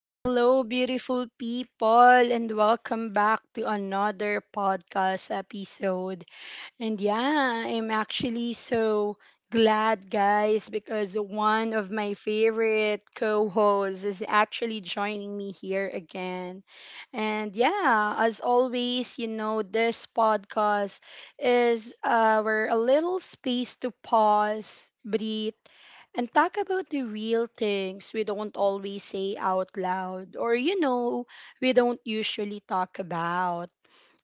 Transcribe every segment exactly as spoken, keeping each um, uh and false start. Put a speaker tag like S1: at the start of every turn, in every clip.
S1: Hello, beautiful people, and welcome back to another podcast episode. And yeah, I'm actually so glad, guys, because one of my favorite co hosts is actually joining me here again. And yeah, as always, you know, this podcast is our a little space to pause, breathe and talk about the real things we don't always say out loud or, you know, we don't usually talk about.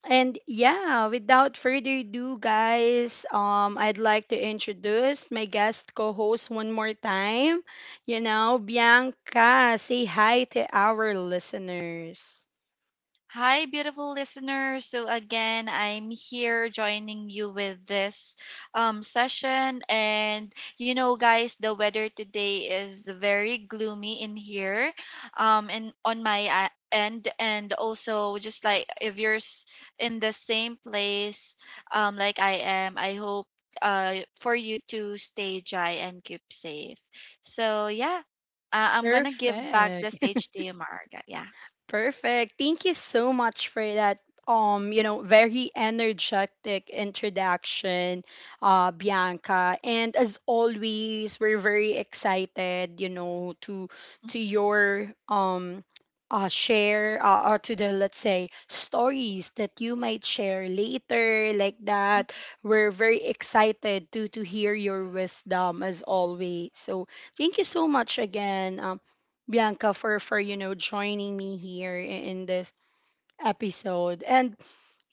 S1: And yeah, without further ado, guys, um, I'd like to introduce my guest co-host one more time. You know, Bianca, say hi to our listeners.
S2: Hi, beautiful listeners. So, again, I'm here joining you with this um, session. And, you know, guys, the weather today is very gloomy in here um, and on my uh, end. And also, just like if you're s- in the same place um, like I am, I hope uh, for you to stay dry and keep safe. So, yeah, uh, I'm going to give back the
S1: Perfect.
S2: stage to you, Marga. Yeah.
S1: Perfect. Thank you so much for that, um, you know, very energetic introduction, uh, Bianca. And as always, we're very excited, you know, to to your um uh, share, uh, or to the, let's say, stories that you might share later, like that.
S2: Mm-hmm.
S1: We're very excited to to hear your wisdom as always, so thank you so much again, um, Bianca, for for you know joining me here, i- in this episode. And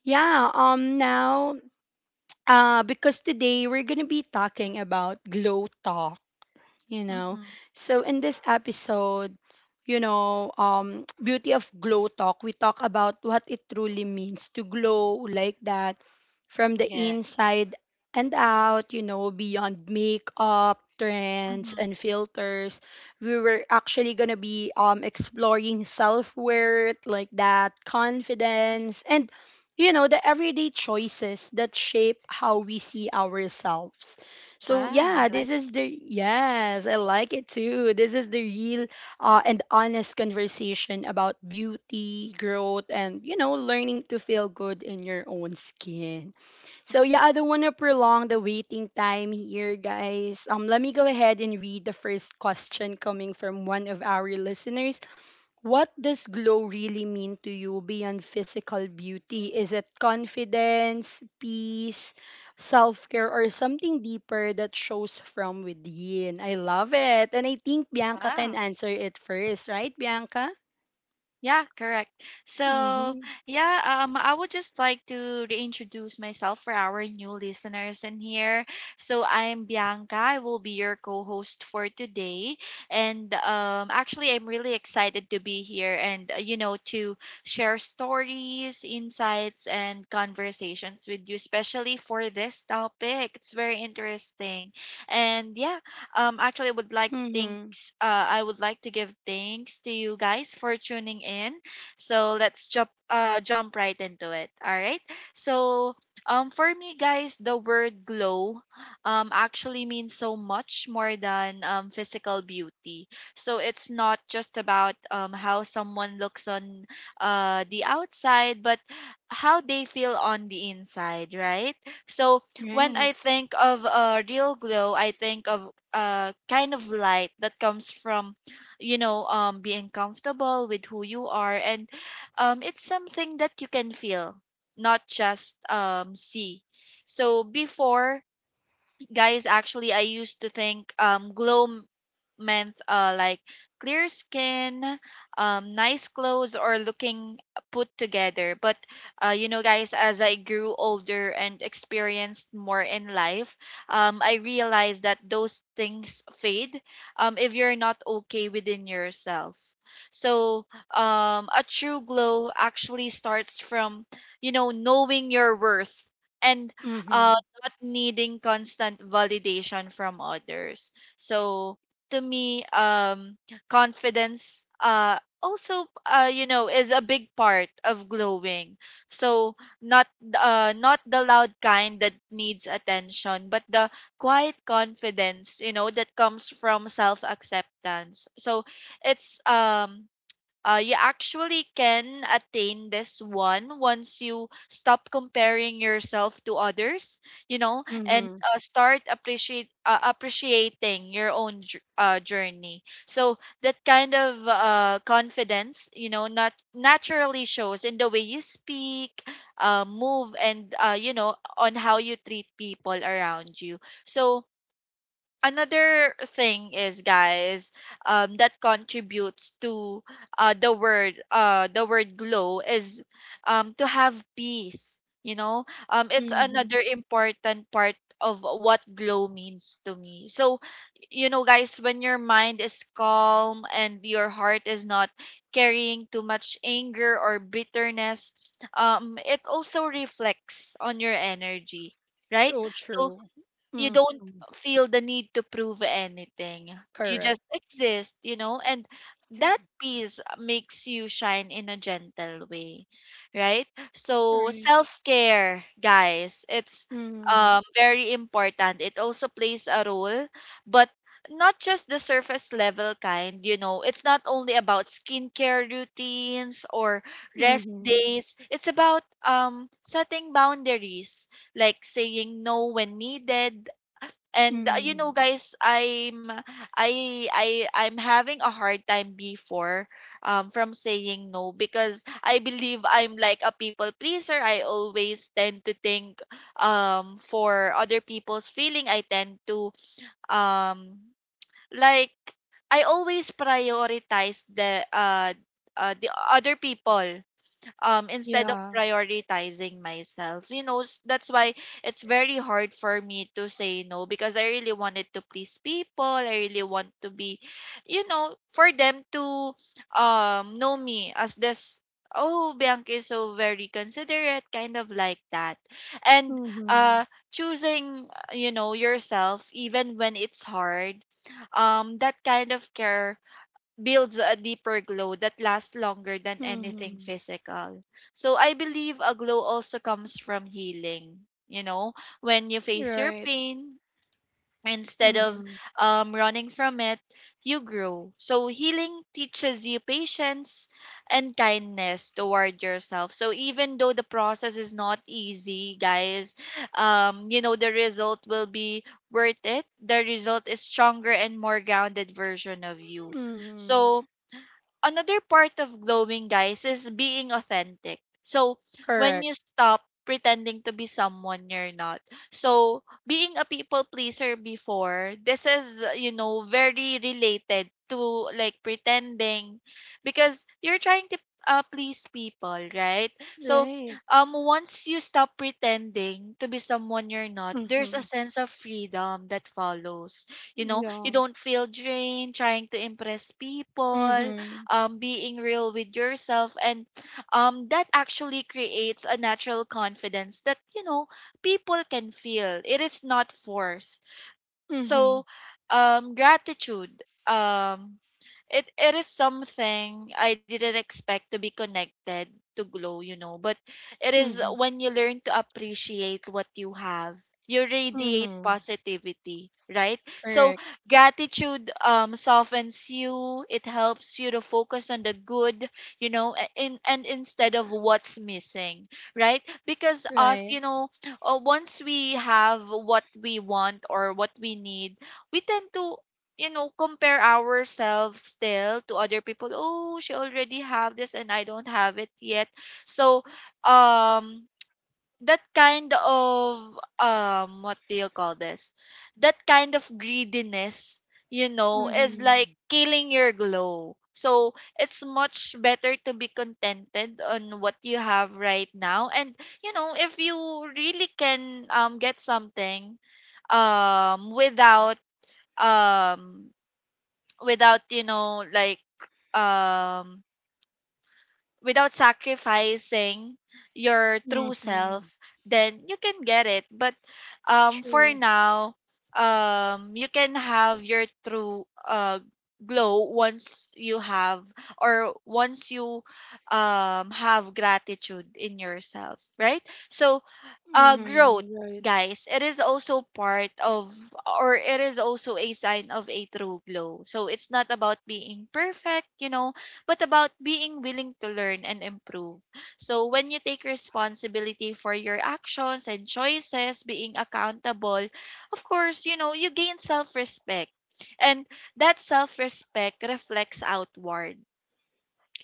S1: yeah, um now, uh because today we're going to be talking about glow talk, you know.
S2: Mm-hmm.
S1: So in this episode, you know, um beauty of glow talk, we talk about what it truly means to glow, like that, from the
S2: Yeah.
S1: inside and out, you know, beyond makeup, trends and
S2: Mhm.
S1: filters. We were actually going to be um exploring self-worth, like that,
S2: Mm.
S1: confidence, and you know, the everyday choices that shape how we see ourselves. So
S2: Wow,
S1: yeah,
S2: I like
S1: this is the yes, I like it too. This is the real, uh, and honest conversation about beauty, growth, and you know, learning to feel good in your own skin. So yeah, I don't want to prolong the waiting time here, guys. Um, let me go ahead and read the first question coming from one of our listeners. What does glow really mean to you beyond physical beauty? Is it confidence, peace, self care, or something deeper that shows from within? I love it. And I think Bianca can
S2: wow.
S1: answer it first, right, Bianca?
S2: Yeah, correct.
S1: Mm
S2: So,
S1: hmm.
S2: yeah, um I would just like to reintroduce myself for our new listeners in here. So, I'm Bianca. I will be your co-host for today. And um actually I'm really excited to be here and uh, you know to share stories, insights and conversations with you especially for this topic. It's very interesting. And yeah. Um, actually, I would like to
S1: Mm hmm.
S2: thanks. Uh, I would like to give thanks to you guys for tuning in. So let's jump. Uh, jump right into it. All right. So um, for me, guys, the word glow um, actually means so much more than um physical beauty. So it's not just about um how someone looks on uh the outside, but how they feel on the inside, right? So when
S1: Right.
S2: I think of a uh, real glow, I think of uh kind of light that comes from you know um being comfortable with who you are, and um it's something that you can feel, not just um see. So before, guys, actually I used to think um glow m- meant uh like clear skin, um nice clothes, or looking put together. But uh you know, guys, as I grew older and experienced more in life, um I realized that those things fade um if you're not okay within yourself. So um a true glow actually starts from, you know, knowing your worth, and
S1: Mm
S2: uh,
S1: hmm.
S2: not needing constant validation from others. So to me, um, confidence uh, also, uh, you know, is a big part of glowing. So not uh, not the loud kind that needs attention, but the quiet confidence, you know, that comes from self acceptance. So it's um uh, you actually can attain this one once you stop comparing yourself to others, you know,
S1: Mm
S2: and
S1: hmm.
S2: uh, start appreciate uh, appreciating your own jour- uh, journey. So that kind of uh, confidence, you know, not naturally shows in the way you speak, uh, move, and, uh, you know, on how you treat people around you. So another thing is, guys, um that contributes to uh the word uh the word glow is, um to have peace, you know. Um it's
S1: Mm hmm.
S2: another important part of what glow means to me. So, you know, guys, when your mind is calm and your heart is not carrying too much anger or bitterness, um it also reflects on your energy, right?
S1: So
S2: So
S1: true.
S2: you
S1: Mm
S2: don't
S1: hmm.
S2: feel the need to prove anything. You
S1: Correct.
S2: just exist, you know, and
S1: Yeah.
S2: that peace makes you shine in a gentle way, right? So
S1: Right.
S2: self care, guys, it's
S1: Mm hmm.
S2: um very important. It also plays a role, but not just the surface level kind, you know. It's not only about skincare routines or
S1: Mm
S2: rest
S1: hmm.
S2: days. It's about um setting boundaries, like saying no when needed.
S1: Mm
S2: And uh, you
S1: hmm.
S2: know, guys, I'm I I I'm having a hard time before, um from saying no, because I believe I'm like a people pleaser. I always tend to think um for other people's feeling. I tend to um like I always prioritize the uh, uh the other people, um instead of
S1: Yeah.
S2: prioritizing myself, you know. S- that's why it's very hard for me to say no, because I really wanted to please people. I really want to be, you know, for them to um know me as this, oh, Bianca is so very considerate, kind of like that. And
S1: Mm hmm.
S2: uh choosing, uh, you know, yourself even when it's hard, um that kind of care builds a deeper glow that lasts longer than
S1: Mm
S2: anything
S1: hmm.
S2: physical. So I believe a glow also comes from healing. You know, when you face your
S1: Right.
S2: pain, instead of
S1: Mhm.
S2: um, running from it, you grow. So healing teaches you patience and kindness toward yourself. So even though the process is not easy, guys, um, you know, the result will be worth it. The result is stronger and more grounded version of you.
S1: Mhm.
S2: So another part of glowing, guys, is being authentic. So when
S1: Correct.
S2: you stop pretending to be someone you're not. So being a people pleaser before, this is, uh, you know, very related to like pretending, because you're trying to uh, please people, right? So,
S1: Right.
S2: um once you stop pretending to be someone you're not, there's a
S1: Mhm.
S2: sense of freedom that follows. You know, you
S1: Yeah.
S2: don't feel drained trying to impress people,
S1: Mhm.
S2: um, being real with yourself, and um, that actually creates a natural confidence that, you know, people can feel. It is not forced. So,
S1: Mhm.
S2: um, gratitude. Um, it it is something I didn't expect to be connected to glow, you know. But it is
S1: Mhm.
S2: when you learn to appreciate what you have, you radiate
S1: Mhm.
S2: positivity, right? So
S1: Correct.
S2: gratitude um softens you. It helps you to focus on the good, you know, a- in and instead of what's missing, right? Because us, you
S1: Right.
S2: know, uh, once we have what we want or what we need, we tend to, you know, compare ourselves still to other people. Oh, she already have this and I don't have it yet. So, um that kind of um what do you call this that kind of greediness, you know, is like
S1: Mhm.
S2: killing your glow. So it's much better to be contented on what you have right now. And, you know, if you really can um get something um without um without you know like um without sacrificing your true
S1: Mhm.
S2: self, then you can get it. But um, for
S1: True.
S2: now, um, you can have your true uh, glow once you have, or once you um, have gratitude in yourself, right? So, uh, growth,
S1: Mhm. Right.
S2: guys, it is also part of, or it is also a sign of a true glow. So it's not about being perfect, you know, but about being willing to learn and improve. So when you take responsibility for your actions and choices, being accountable, of course, you know, you gain self-respect. And that self-respect reflects outward.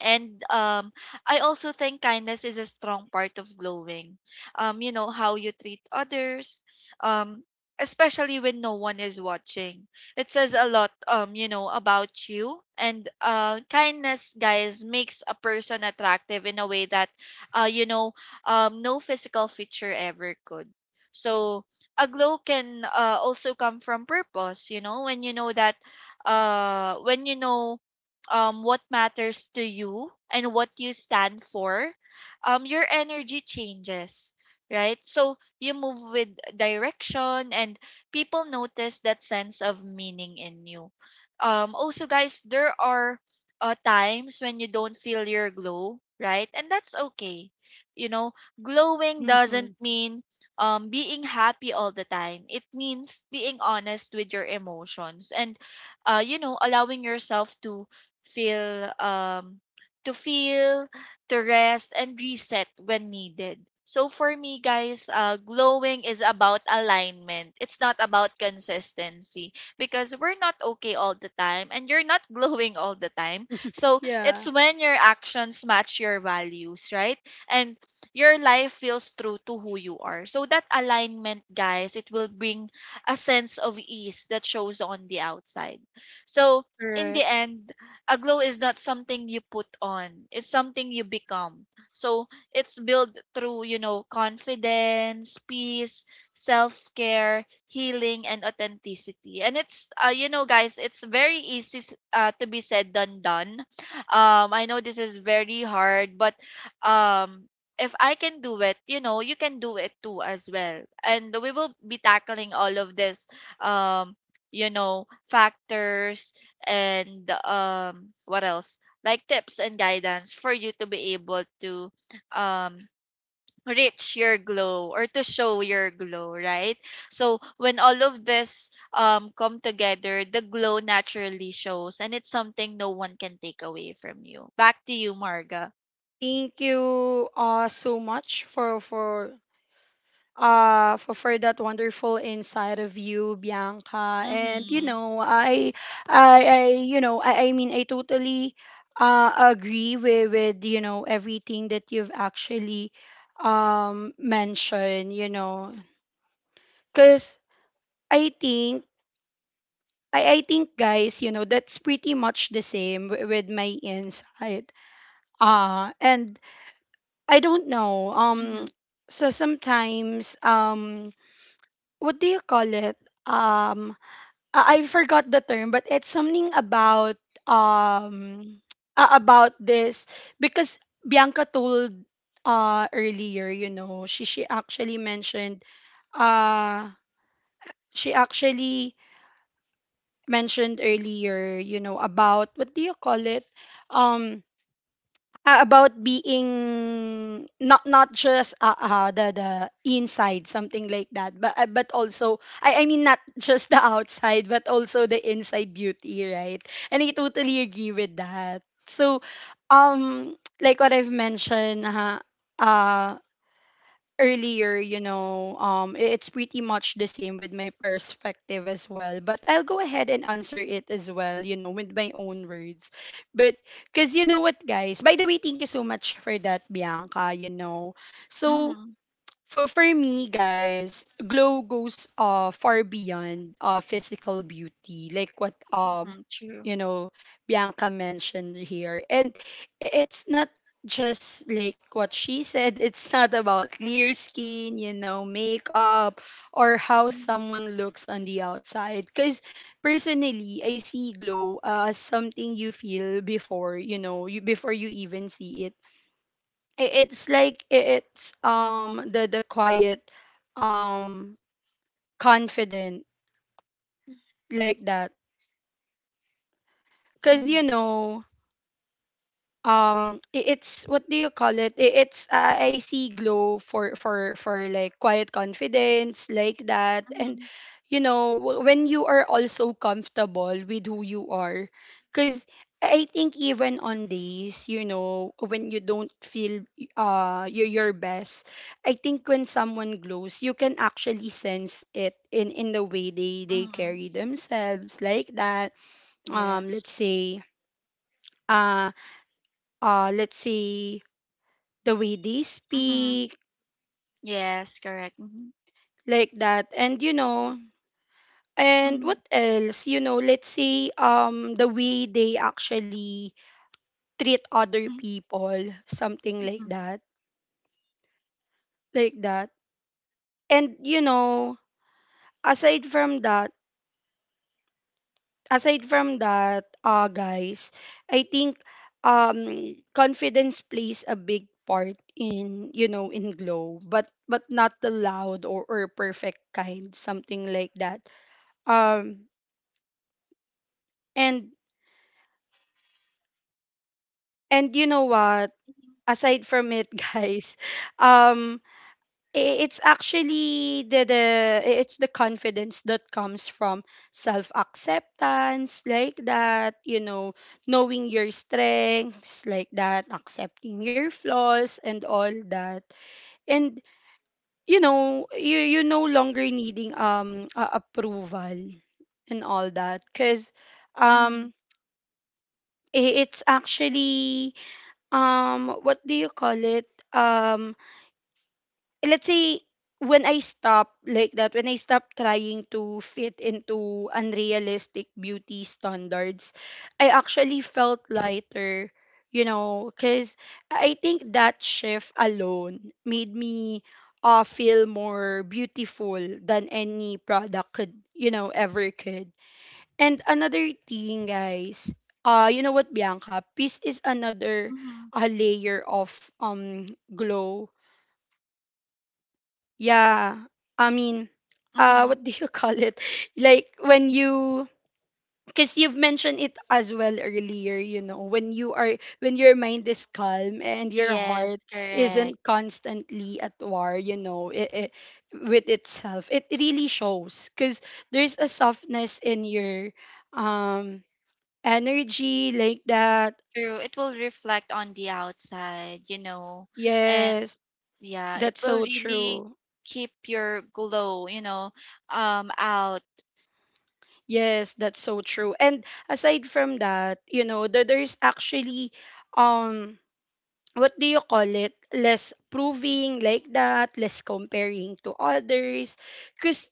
S2: And um, I also think kindness is a strong part of glowing. Um, you know, how you treat others, um, especially when no one is watching. It says a lot, um, you know, about you. And uh, kindness, guys, makes a person attractive in a way that, uh, you know, um, no physical feature ever could. So a glow can, uh, also come from purpose, you know, when you know that, uh, when you know um, what matters to you and what you stand for, um, your energy changes, right? So you move with direction, and people notice that sense of meaning in you. Um, also, guys, there are uh, times when you don't feel your glow, right? And that's okay. You know, glowing
S1: Mhm.
S2: doesn't mean, um, being happy all the time. It means being honest with your emotions, and, uh, you know, allowing yourself to feel um to feel, to rest and reset when needed. So for me, guys, uh glowing is about alignment. It's not about consistency, because we're not okay all the time and you're not glowing all the time. So
S1: Yeah.
S2: it's when your actions match your values, right? And your life feels true to who you are. So that alignment, guys, it will bring a sense of ease that shows on the outside. So in the
S1: Correct.
S2: end, a glow is not something you put on, it's something you become. So it's built through, you know, confidence, peace, self-care, healing, and authenticity. And it's, uh, you know, guys, it's very easy s- uh, to be said than done. um I know this is very hard, but um if I can do it, you know, you can do it too as well. And we will be tackling all of this, um you know, factors, and um what else like tips and guidance for you to be able to um reach your glow or to show your glow, right? So when all of this um come together, the glow naturally shows, and it's something no one can take away from you. Back to you, Marga.
S1: Thank you, uh so much for for uh for, for that wonderful inside of you, bianca, and you
S2: Mhm.
S1: know I I, I you know I, I mean, i totally uh agree with with you know everything that you've actually um mentioned you know Because I think, I, I think, guys, you know that's pretty much the same wi- with my insight, uh and I don't know. um
S2: Mhm.
S1: so sometimes, um what do you call it, um I I forgot the term, but it's something about, um a- about this. Because Bianca told, uh earlier, you know, she she actually mentioned uh she actually mentioned earlier, you know, about, what do you call it? Um uh, about being, not not just, uh, uh, the the inside, something like that, but, uh, but also, I, I mean, not just the outside, but also the inside beauty, right? And I totally agree with that. So, um like what I've mentioned, uh, uh earlier, you know, um, i- it's pretty much the same with my perspective as well. But I'll go ahead and answer it as well, you know, with my own words. But, because you know what, guys, by the way, thank you so much for that, Bianca, you know. So,
S2: Mhm.
S1: for for me, guys, glow goes uh far beyond uh physical beauty, like what um
S2: Mhm. True.
S1: you know Bianca mentioned here, and i- it's not just like what she said. It's not about clear skin, you know, makeup, or how
S2: Mhm.
S1: someone looks on the outside. Because personally, I see glow uh, as something you feel before, you know you before you even see it. I- it's like i- it's um the the quiet, um confident, like that. Because
S2: Mhm.
S1: you know um i- it's, what do you call it, I- it's uh, I see glow, for for for like quiet confidence, like that. And
S2: Mhm.
S1: you know w- when you are also comfortable with who you are. Because I think, even on days, you know when you don't feel, uh your, your best, I think when someone glows you can actually sense it in in the way they they
S2: Mhm.
S1: carry themselves, like that. um let's
S2: Yes.
S1: say uh uh let's say the way they
S2: Mhm.
S1: speak,
S2: Yes, correct. Mhm.
S1: like that. And you know and
S2: Mhm.
S1: what else, you know let's say, um the way they actually treat other
S2: Mhm.
S1: people, something like that, like that And you know aside from that, aside from that uh guys, I think, um confidence plays a big part in, you know in glow, but but not the loud, or, or perfect kind, something like that um and And you know what?
S2: Mhm.
S1: Aside from it, guys, um, i- it's actually the, the it's the confidence that comes from self acceptance, like that. You know, knowing your strengths, like that, accepting your flaws and all that, and you know, you you no longer needing, um a- approval and all that, cause,
S2: Mhm.
S1: um i- it's actually, um what do you call it, um let's say, when i stop like that when I stop trying to fit into unrealistic beauty standards, I actually felt lighter. You know, cuz I think that shift alone made me, uh, feel more beautiful than any product could you know ever could. And another thing, guys, uh, you know what, Bianca? Peace is another,
S2: Mhm,
S1: uh, layer of um glow. Yeah, I mean, uh,
S2: mhm,
S1: what do you call it? Like when you, because you've mentioned it as well earlier. You know, when you are, when your mind is calm and your
S2: Yes,
S1: heart
S2: correct.
S1: isn't constantly at war. You know, it, it, with itself, it really shows. Because there's a softness in your, um energy, like that.
S2: True. It will reflect on the outside, you know. And
S1: Yes,
S2: yeah, it
S1: that's
S2: will
S1: so
S2: really
S1: true.
S2: keep your glow, you know, um out.
S1: Yes, that's so true. And aside from that, you know, the, there's actually, um what do you call it, less proving, like that, less comparing to others. Cause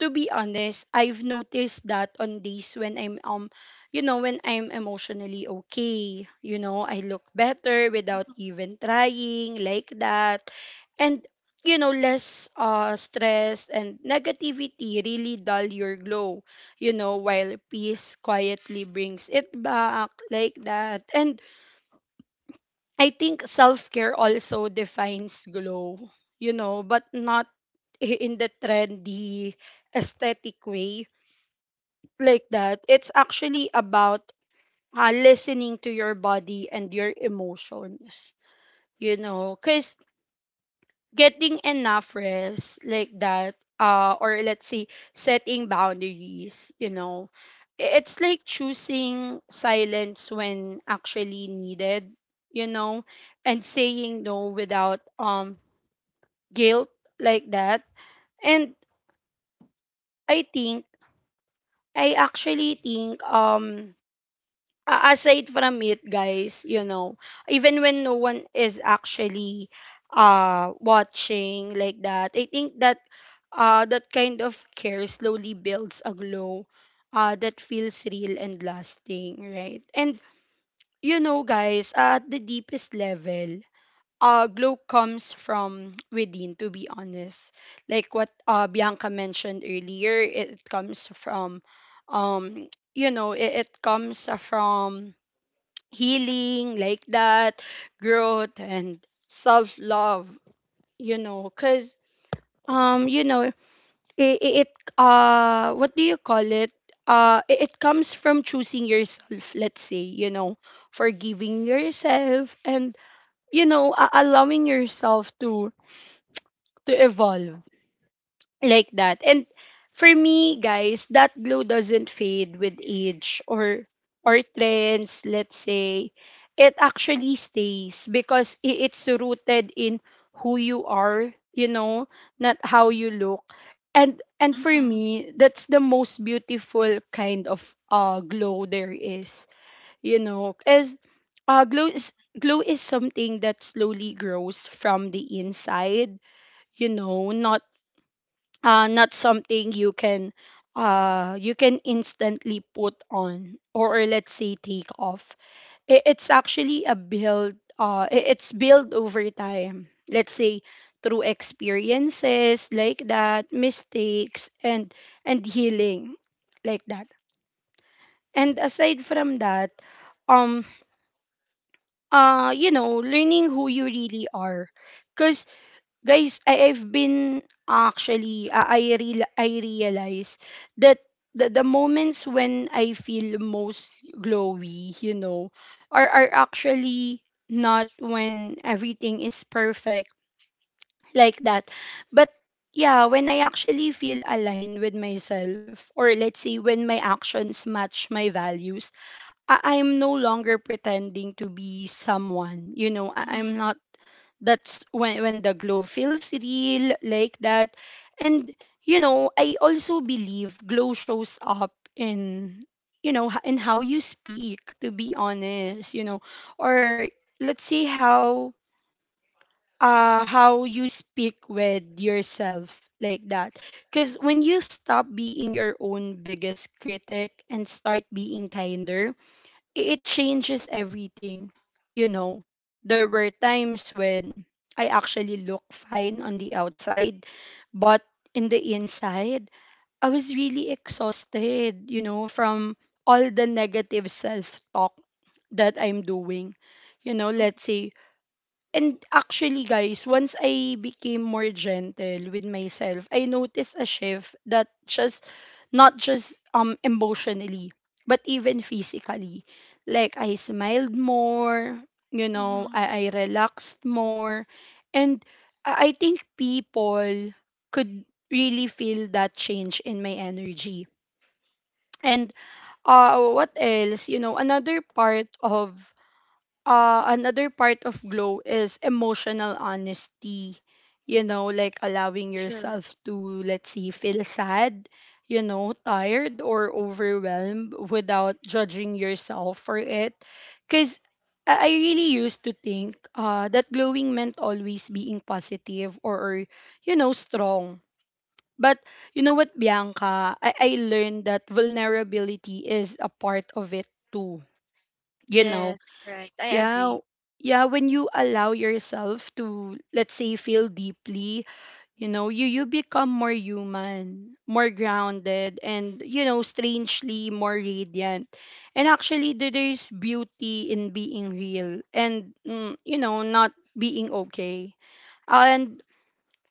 S1: to be honest, I've noticed that on days when I'm um you know, when I'm emotionally okay, you know, I look better without even trying, like that. And you know, less, uh stress and negativity really dull your glow, you know, while peace quietly brings it back, like that. And I think self-care also defines glow, you know, but not, i- in the trendy aesthetic way, like that. It's actually about, uh, listening to your body and your emotions. You know, because getting enough rest, like that, uh, or let's say setting boundaries, you know, i- it's like choosing silence when actually needed, you know, and saying no without, um guilt, like that. And I think I actually think, um a- aside from it, guys, you know even when no one is actually, uh watching, like that, I think that uh that kind of care slowly builds a glow, uh that feels real and lasting, right? And you know guys, at the deepest level, uh glow comes from within, to be honest. Like what, uh bianca mentioned earlier, it it comes from, um you know it, it comes from healing, like that, growth and self love. You know, cuz, um you know it, it uh what do you call it, uh i- it comes from choosing yourself, let's say, you know forgiving yourself, and you know a- allowing yourself to to evolve, like that. And for me, guys, that glow doesn't fade with age, or or trends, let's say. It actually stays, because i- it's rooted in who you are, you know, not how you look. And and for
S2: Mm-hmm, mm-hmm,
S1: me, that's the most beautiful kind of uh glow there is, you know. As uh glow is Glow is something that slowly grows from the inside, you know, not uh, not something you can uh you can instantly put on or or let's say take off. I- it's actually a build uh I- It's built over time, let's say, through experiences like that, mistakes, and and healing, like that. And aside from that, um uh you know, learning who you really are, guys. I, I've been actually uh, I real I realize that the, the moments when I feel most glowy, you know, are are actually not when everything is perfect, like that, but yeah, when I actually feel aligned with myself, or let's say when my actions match my values. I I'm no longer pretending to be someone, you know. I, I'm not. That's when when the glow feels real, like that. And you know, I also believe glow shows up in, you know, h- in how you speak, to be honest, you know. Or let's see how uh how you speak with yourself, like that. Because when you stop being your own biggest critic and start being kinder, it changes everything. You know, there were times when I actually looked fine on the outside, but in the inside, I was really exhausted, you know, from all the negative self talk that I'm doing. You know, let's say. And actually, guys, once I became more gentle with myself, I noticed a shift that just not just um emotionally, but even physically. Like I smiled more, you know,
S2: mm-hmm.
S1: I, I relaxed more. And I I think people could really feel that change in my energy. And uh what else? You know, another part of uh, another part of glow is emotional honesty. You know, like allowing
S2: Sure.
S1: yourself to, let's say, feel sad, you know, tired or overwhelmed, without judging yourself for it. Because I I really used to think uh, that glowing meant always being positive, or, or, you know, strong. But you know what, Bianca? I, I learned that vulnerability is a part of it too. You know,
S2: Yes, correct. I
S1: yeah,
S2: agree.
S1: yeah, when you allow yourself to, let's say, feel deeply, you know, you you become more human, more grounded, and, you know, strangely more radiant. And actually there- there's beauty in being real and, mm, you know, not being okay. And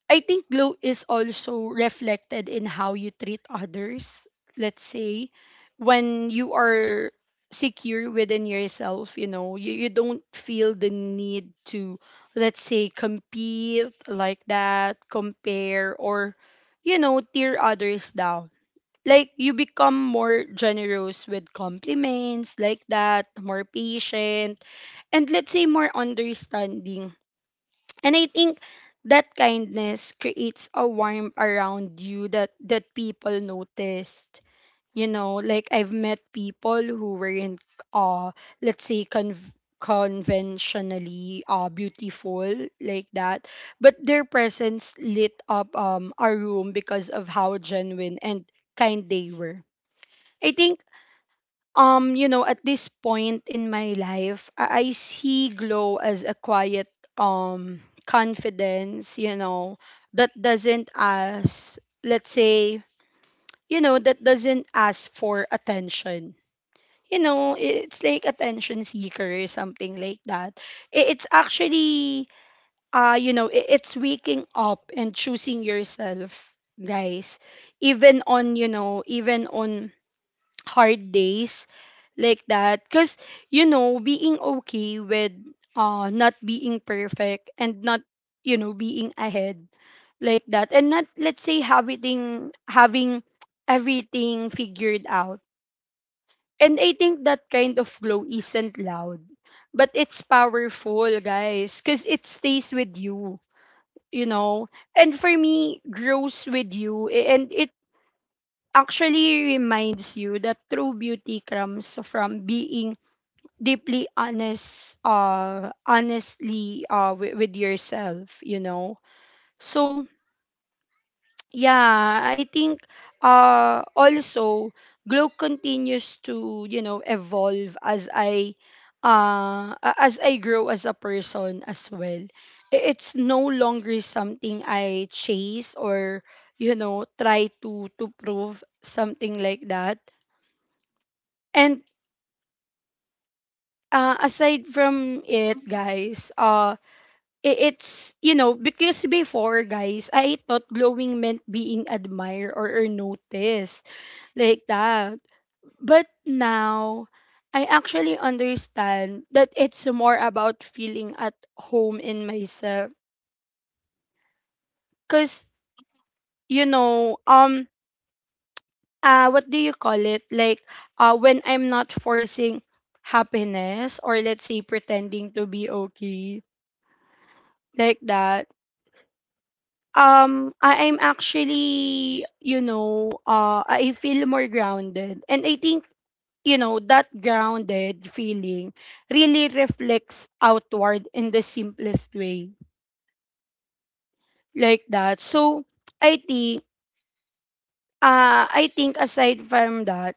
S1: I think glow is also reflected in how you treat others. Let's say when you are secure within yourself, you know, you, you don't feel the need to, let's say, compete, like that, compare, or, you know, tear others down. Like you become more generous with compliments, like that, more patient, and let's say more understanding. And I think that kindness creates a warmth around you that that people noticed. You know, like I've met people who were in uh let's say conv- conventionally uh beautiful, like that, but their presence lit up um a room because of how genuine and kind they were. I think, um you know, at this point in my life, i, I see glow as a quiet um confidence, you know, that doesn't ask, let's say, you know that doesn't ask for attention, you know. It's like attention seeker or something like that. I- it's actually uh You know, i- it's waking up and choosing yourself, guys, even on, you know, even on hard days, like that. Because, you know, being okay with uh not being perfect and not, you know, being ahead, like that, and not, let's say, having having everything figured out. And I think that kind of glow isn't loud, but it's powerful, guys, because it stays with you, you know. And for me, grows with you, a- and it actually reminds you that true beauty comes from being deeply honest uh honestly uh with, with yourself, you know. So yeah, I think, uh also, glow continues to, you know, evolve as i uh a- as I grow as a person as well. I- it's no longer something I chase, or, you know, try to to prove, something like that. And uh, aside from it,
S2: Mm-hmm,
S1: guys, uh, i- it's, you know, because before, guys, I thought glowing meant being admired, or, or noticed, like that. But now, I actually understand that it's more about feeling at home in myself. Because, you know, um, uh, what do you call it? Like, uh, when I'm not forcing happiness, or let's say pretending to be okay, like that, um I am actually, you know, uh I feel more grounded. And I think, you know, that grounded feeling really reflects outward in the simplest way, like that. So I think, uh I think aside from that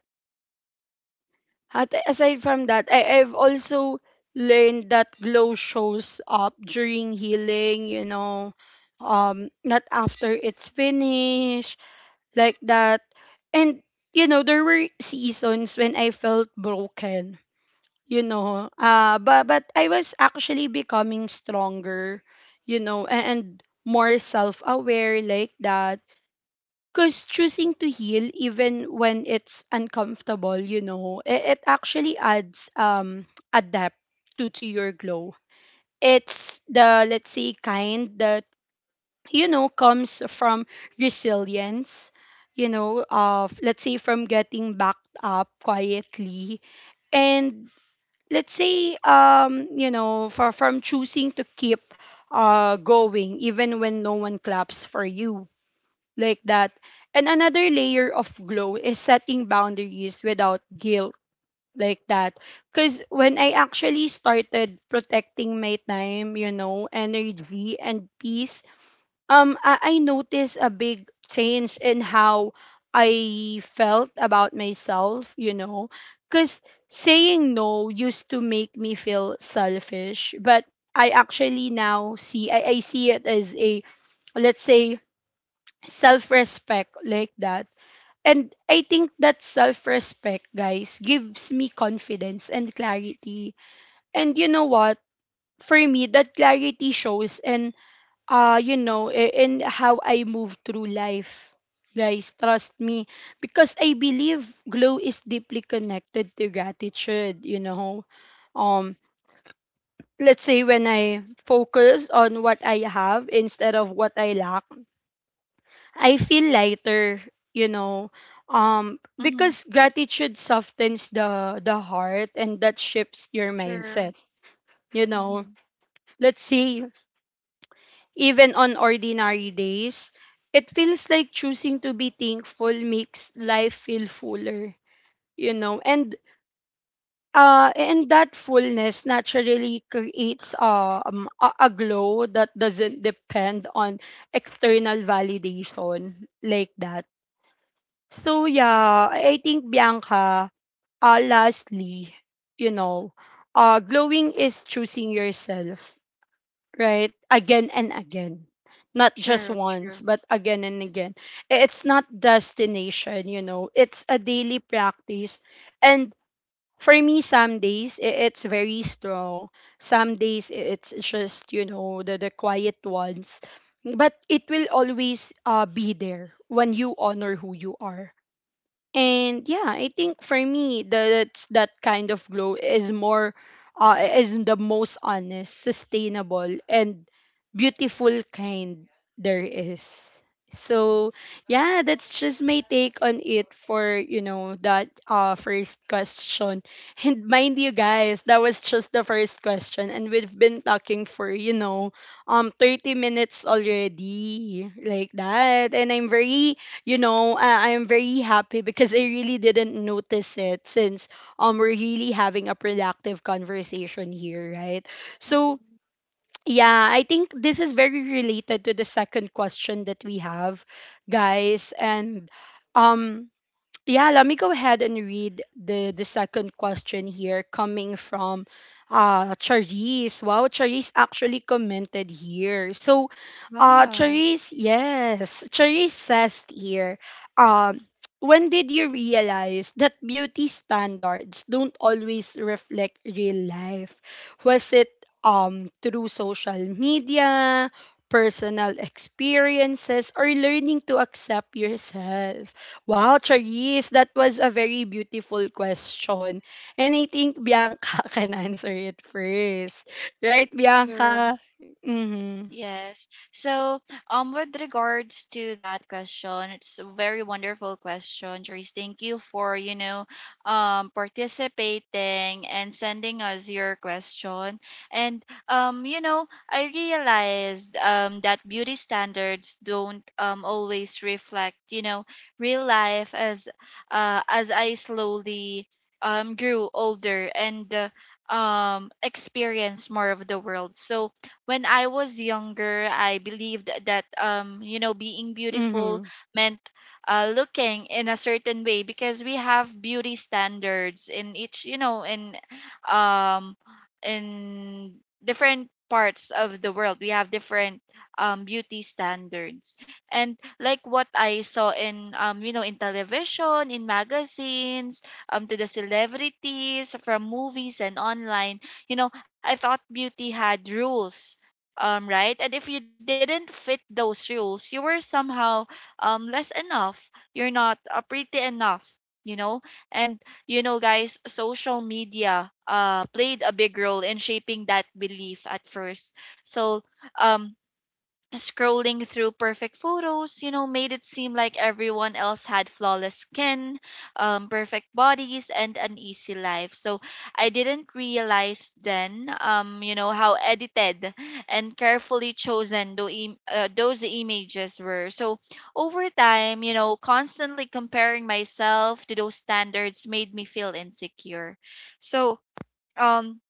S1: at- aside from that, I, I've also learned that glow shows up during healing, you know, um not after it's finished, like that. And you know, there were seasons when I felt broken, you know. Uh but but I was actually becoming stronger, you know, and, and more self-aware, like that. Cause choosing to heal even when it's uncomfortable, you know, it, it actually adds um a depth to to your glow. It's the, let's say, kind that, you know, comes from resilience, you know, of, let's say, from getting backed up quietly, and, let's say, um you know, for, from choosing to keep uh going even when no one claps for you, like that. And another layer of glow is setting boundaries without guilt, like that. Because when I actually started protecting my time, you know, energy, and peace, um I, I noticed a big change in how I felt about myself, you know. Because saying no used to make me feel selfish, but I actually now see, I, I see it as a, let's say, self-respect, like that. And I think that self-respect, guys, gives me confidence and clarity. And you know what? For me, that clarity shows. And uh you know, i- in how I move through life, guys, trust me, because I believe glow is deeply connected to gratitude, you know. um let's say when I focus on what I have instead of what I lack, I feel lighter, you know. Um
S2: mm-hmm.
S1: because gratitude softens the the heart, and that shifts your
S2: Sure.
S1: mindset, you know,
S2: Mm-hmm.
S1: let's say, even on ordinary days. It feels like choosing to be thankful makes life feel fuller, you know. And uh and that fullness naturally creates um a, a glow that doesn't depend on external validation, like that. So yeah, I I think, Bianca, uh lastly, you know, uh glowing is choosing yourself, right? Again and again. Not just
S2: Sure, true.
S1: once, but again and again. I- It's not destination, you know. It's a daily practice. And for me, some days i- it's very strong. Some days i- it's just, you know, the, the quiet ones. But it will always, uh, be there when you honor who you are. And yeah, I think for me, that that kind of glow is more, uh, is the most honest, sustainable, and beautiful kind there is. So yeah, that's just my take on it for, you know, that uh first question. And mind you, guys, that was just the first question, and we've been talking for, you know, um thirty minutes already, like that. And I'm very, you know, I, I'm very happy because I really didn't notice it, since um we're really having a productive conversation here, right? So
S2: Mm-hmm.
S1: yeah, I think this is very related to the second question that we have, guys. And um yeah, let me go ahead and read the the second question here, coming from uh Charisse. Wow, Charisse actually commented here. So uh,
S2: Wow.
S1: Charisse, yes. Charisse says here, um, when did you realize that beauty standards don't always reflect real life? Was it um through social media, personal experiences, or learning to accept yourself? Wow, Charisse, that was a very beautiful question. And I think Bianca can answer it first. Right,
S2: Sure.
S1: Bianca? Mm-hmm.
S2: Yes. So, um, with regards to that question, it's a very wonderful question, Joyce. Thank you for, you know, um, participating and sending us your question. And, um, you know, I realized, um, that beauty standards don't, um, always reflect, you know, real life as, uh, as I slowly, um, grew older and, uh, um, experienced more of the world. So, when I was younger, I believed that um, you know, being beautiful
S1: Mm-hmm.
S2: meant uh, looking in a certain way because we have beauty standards in each, you know, in um in different parts of the world. We have different um beauty standards. And like what I saw in um, you know, in television, in magazines, um to the celebrities from movies and online, you know, I thought beauty had rules, um, right? And if you didn't fit those rules, you were somehow um, less enough. You're not uh, pretty enough, you know? And, you know, guys, social media uh, played a big role in shaping that belief at first. So, um, scrolling through perfect photos, you know, made it seem like everyone else had flawless skin, um, perfect bodies, and an easy life. So I didn't realize then, um, you know, how edited and carefully chosen tho- im- uh, those images were. So over time, you know, constantly comparing myself to those standards made me feel insecure. So, um,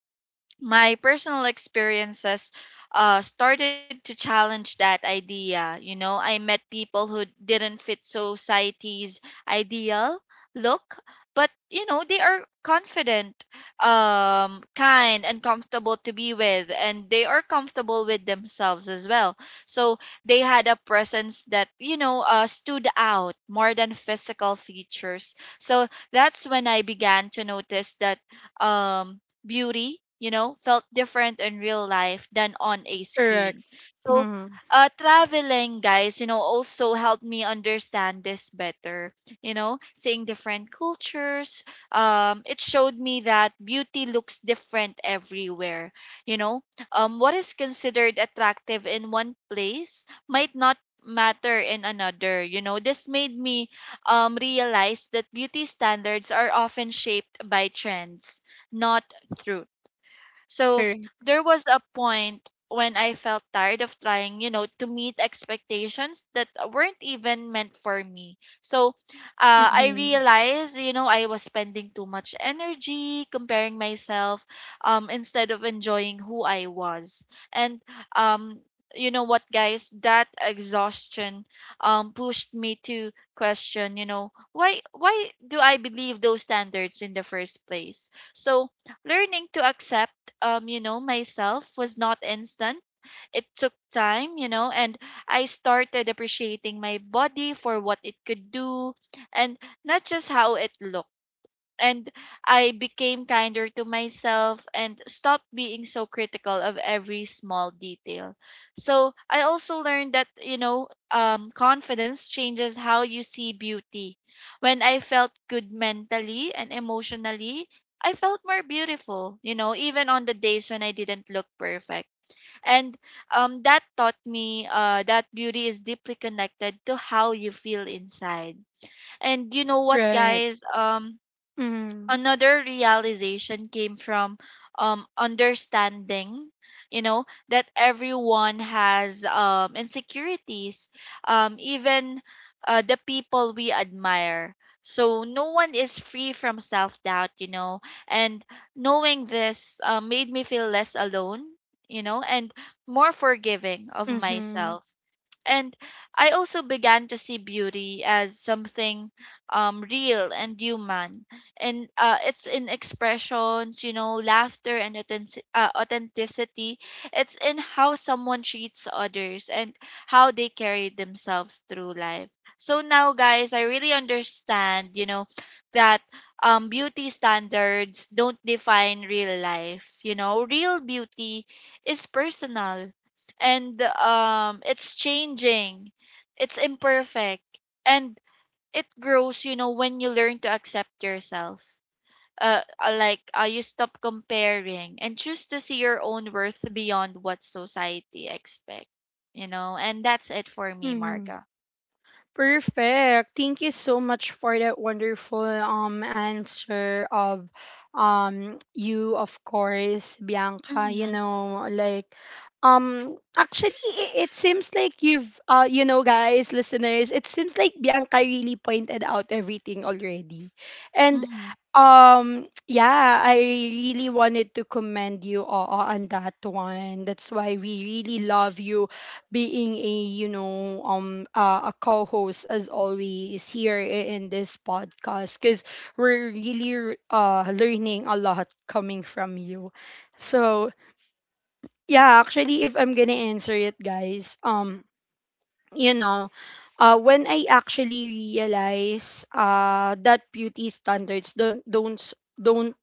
S2: my personal experiences uh, started to challenge that idea. You know, I met people who didn't fit society's ideal look, but, you know, they are confident, um, kind, and comfortable to be with, and they are comfortable with themselves as well. So they had a presence that, you know, uh, stood out more than physical features. So that's when I began to notice that um beauty, you know, felt different in real life than on a
S1: Correct.
S2: screen. So,
S1: Mhm.
S2: uh, traveling, guys, you know, also helped me understand this better. You know, seeing different cultures, um, it showed me that beauty looks different everywhere. You know, um, what is considered attractive in one place might not matter in another. You know, this made me um, realize that beauty standards are often shaped by trends, not through. So
S1: Correct.
S2: there was a point when I felt tired of trying, you know, to meet expectations that weren't even meant for me. So uh, I
S1: Mhm.
S2: realized, you know, I was spending too much energy comparing myself um, instead of enjoying who I was. And um, you know what, guys, that exhaustion um, pushed me to question, you know, why why do I believe those standards in the first place? So learning to accept, um, you know, myself was not instant. It took time, you know, and I started appreciating my body for what it could do and not just how it looked, and I became kinder to myself and stopped being so critical of every small detail. So I also learned that, you know, um, confidence changes how you see beauty. When I felt good mentally and emotionally, I felt more beautiful, you know, even on the days when I didn't look perfect. And um, that taught me uh, that beauty is deeply connected to how you feel inside. And you know what,
S1: Right.
S2: guys? Um,
S1: Mhm.
S2: another realization came from um understanding, you know, that everyone has um insecurities, um even uh, the people we admire. So no one is free from self doubt, you know, and knowing this uh, made me feel less alone, you know, and more forgiving of
S1: Mhm.
S2: myself. And I also began to see beauty as something um, real and human, and uh, it's in expressions, you know, laughter and authentic- uh, authenticity. It's in how someone treats others and how they carry themselves through life. So now, guys, I really understand, you know, that um, beauty standards don't define real life. You know, real beauty is personal and, um, it's changing, it's imperfect, and it grows, you know, when you learn to accept yourself. Uh, uh, like uh, you stop comparing and choose to see your own worth beyond what society expects. You know, and that's it for me,
S1: Mhm.
S2: Marga.
S1: Perfect. Thank you so much for that wonderful um answer of um you, of course, Bianca, you
S2: Mm-hmm.
S1: know. Like, um actually, it, it seems like you've, uh you know, guys, listeners, it seems like Bianca really pointed out everything already. And
S2: Mm-hmm.
S1: um yeah, I really wanted to commend you all on that one. That's why we really love you being a, you know, um uh, a co-host as always here, i- in this podcast, because we're really uh learning a lot coming from you. So yeah, actually, if I'm gonna answer it, guys, um you know, uh, when I actually realize, uh, that beauty standards don't don't s- don't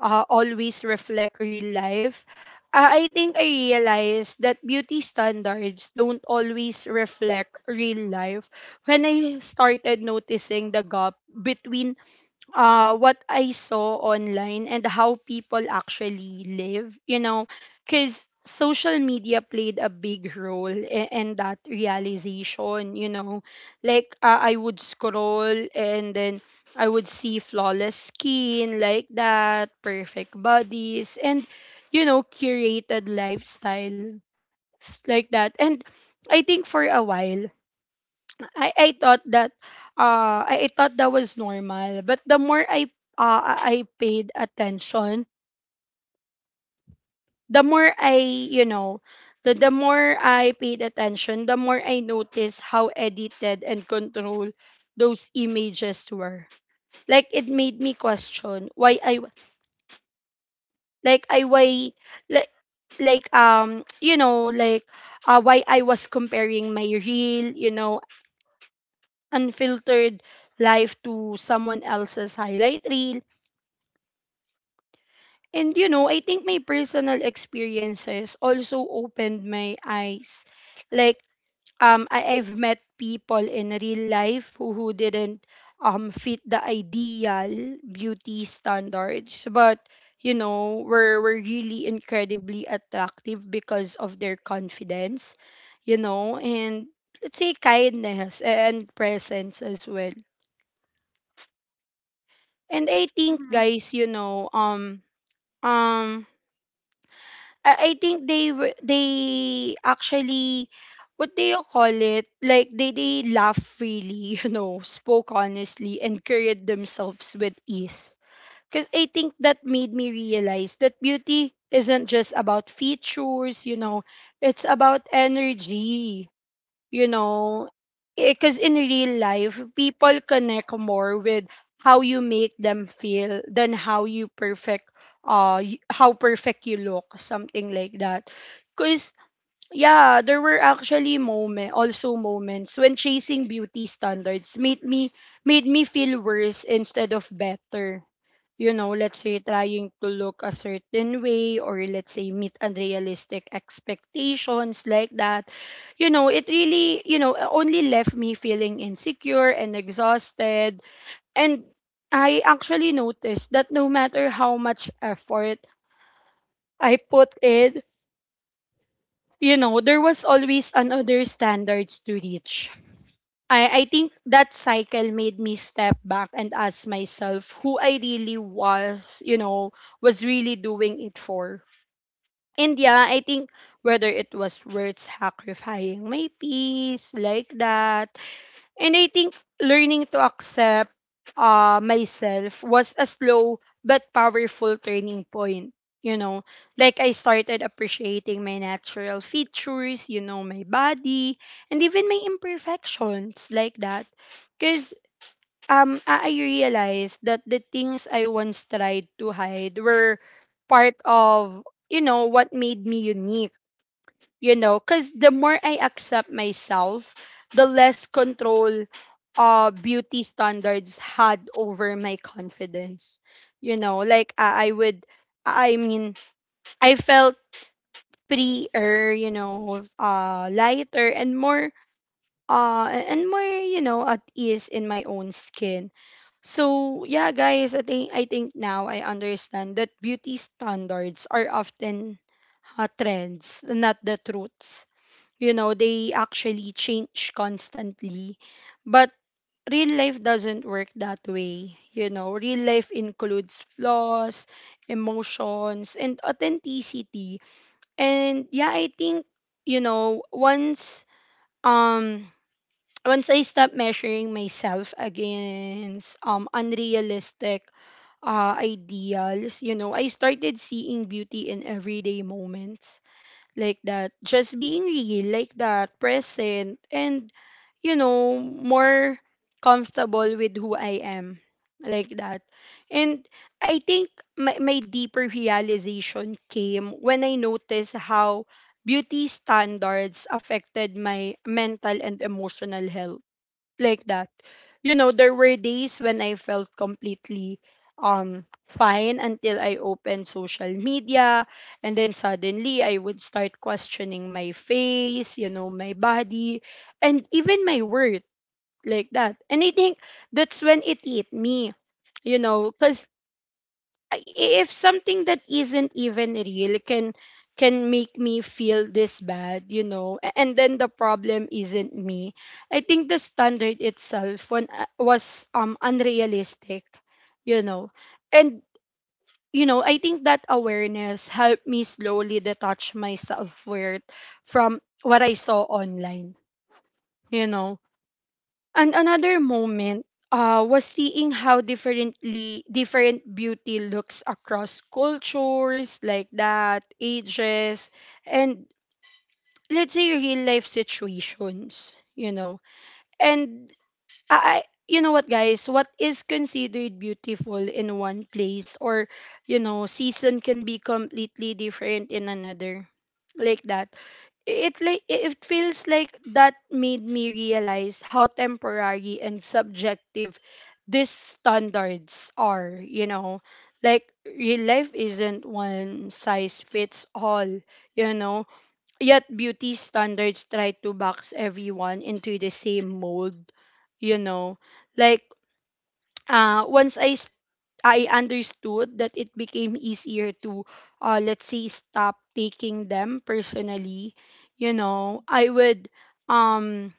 S1: uh, always reflect real life, uh, I think I realized that beauty standards don't always reflect real life when I started noticing the gap between uh, what I saw online and how people actually live, you know. Because social media played a big role in, in that realization, you know. Like, uh, I would scroll, and then I would see flawless skin, like that, perfect bodies, and, you know, curated lifestyle, like that. And I think for a while, I I thought that uh I, I thought that was normal. But the more I, uh I I paid attention, the more I, you know, the the more I paid attention, the more I noticed how edited and controlled those images were. Like, it made me question why I w- like I why, like like um you know like uh why I was comparing my real, you know, unfiltered life to someone else's highlight reel. And you know, I think my personal experiences also opened my eyes. Like, um I, I've met people in real life who, who didn't um fit the ideal beauty standards, but, you know, were, were really incredibly attractive because of their confidence, you know, and, let's say, kindness and presence as well. And I think,
S2: Mm-hmm.
S1: guys, you know, um um I I think they were, they actually, what do you call it? Like, they they laugh freely, you know, spoke honestly, and carried themselves with ease. Because I think that made me realize that beauty isn't just about features, you know, it's about energy, you know, because in real life people connect more with how you make them feel than how you perfect uh y- how perfect you look, something like that. Because yeah, there were actually moment also moments when chasing beauty standards made me made me feel worse instead of better. You know, let's say trying to look a certain way or let's say meet unrealistic expectations like that. You know, it really, you know, only left me feeling insecure and exhausted. And I actually noticed that no matter how much effort I put in, you know, there was always another standards to reach. I, I think that cycle made me step back and ask myself who I really was, you know, was really doing it for. And yeah, I think whether it was worth sacrificing my peace like that. And I think learning to accept uh, myself was a slow but powerful turning point. You know, like I started appreciating my natural features, you know, my body, and even my imperfections like that. Because um, I I realized that the things I once tried to hide were part of, you know, what made me unique, you know, because the more I accept myself, the less control uh beauty standards had over my confidence, you know. Like i, I would i mean I felt freer, you know, uh lighter and more, uh and more you know, at ease in my own skin. So yeah guys, i think i think now I understand that beauty standards are often uh, trends, not the truths. You know, they actually change constantly, but real life doesn't work that way. You know, real life includes flaws, emotions, and authenticity. And yeah, I think, you know, once um once I stop measuring myself against um unrealistic uh, ideals, you know, I started seeing beauty in everyday moments like that. Just being real, like that, present, and, you know, more comfortable with who I am, like that. And I think my, my deeper realization came when I noticed how beauty standards affected my mental and emotional health like that. You know, there were days when I felt completely um fine until I opened social media, and then suddenly I would start questioning my face, you know, my body, and even my worth like that. And I think that's when it hit me, you know, cuz I- if something that isn't even real can can make me feel this bad, you know, a- and then the problem isn't me. I think the standard itself when, uh, was um unrealistic, you know. And you know, I think that awareness helped me slowly detach my self-worth from what I saw online, you know. And another moment uh, was seeing how differently different beauty looks across cultures like that, ages, and let's say real life situations, you know. And I, I- you know what, guys? What is considered beautiful in one place or, you know, season can be completely different in another. Like that. It like it feels like that made me realize how temporary and subjective these standards are, you know. Like real life isn't one size fits all, you know. Yet beauty standards try to box everyone into the same mold, you know. Like uh once I s- I understood that, it became easier to uh let's say stop taking them personally, you know. I would um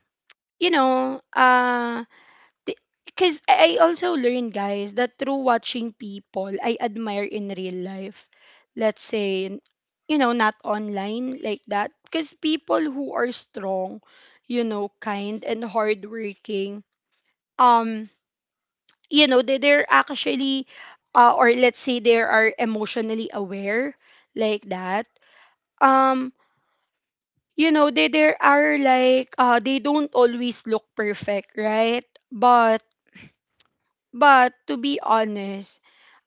S1: you know uh because I also learned, guys, that through watching people I admire in real life, let's say, n- you know, not online like that, because people who are strong, you know, kind and hardworking, um, you know, they, they're actually, uh, or let's say they are emotionally aware like that. Um, you know, they, they are like, uh, they don't always look perfect, right? But, but to be honest,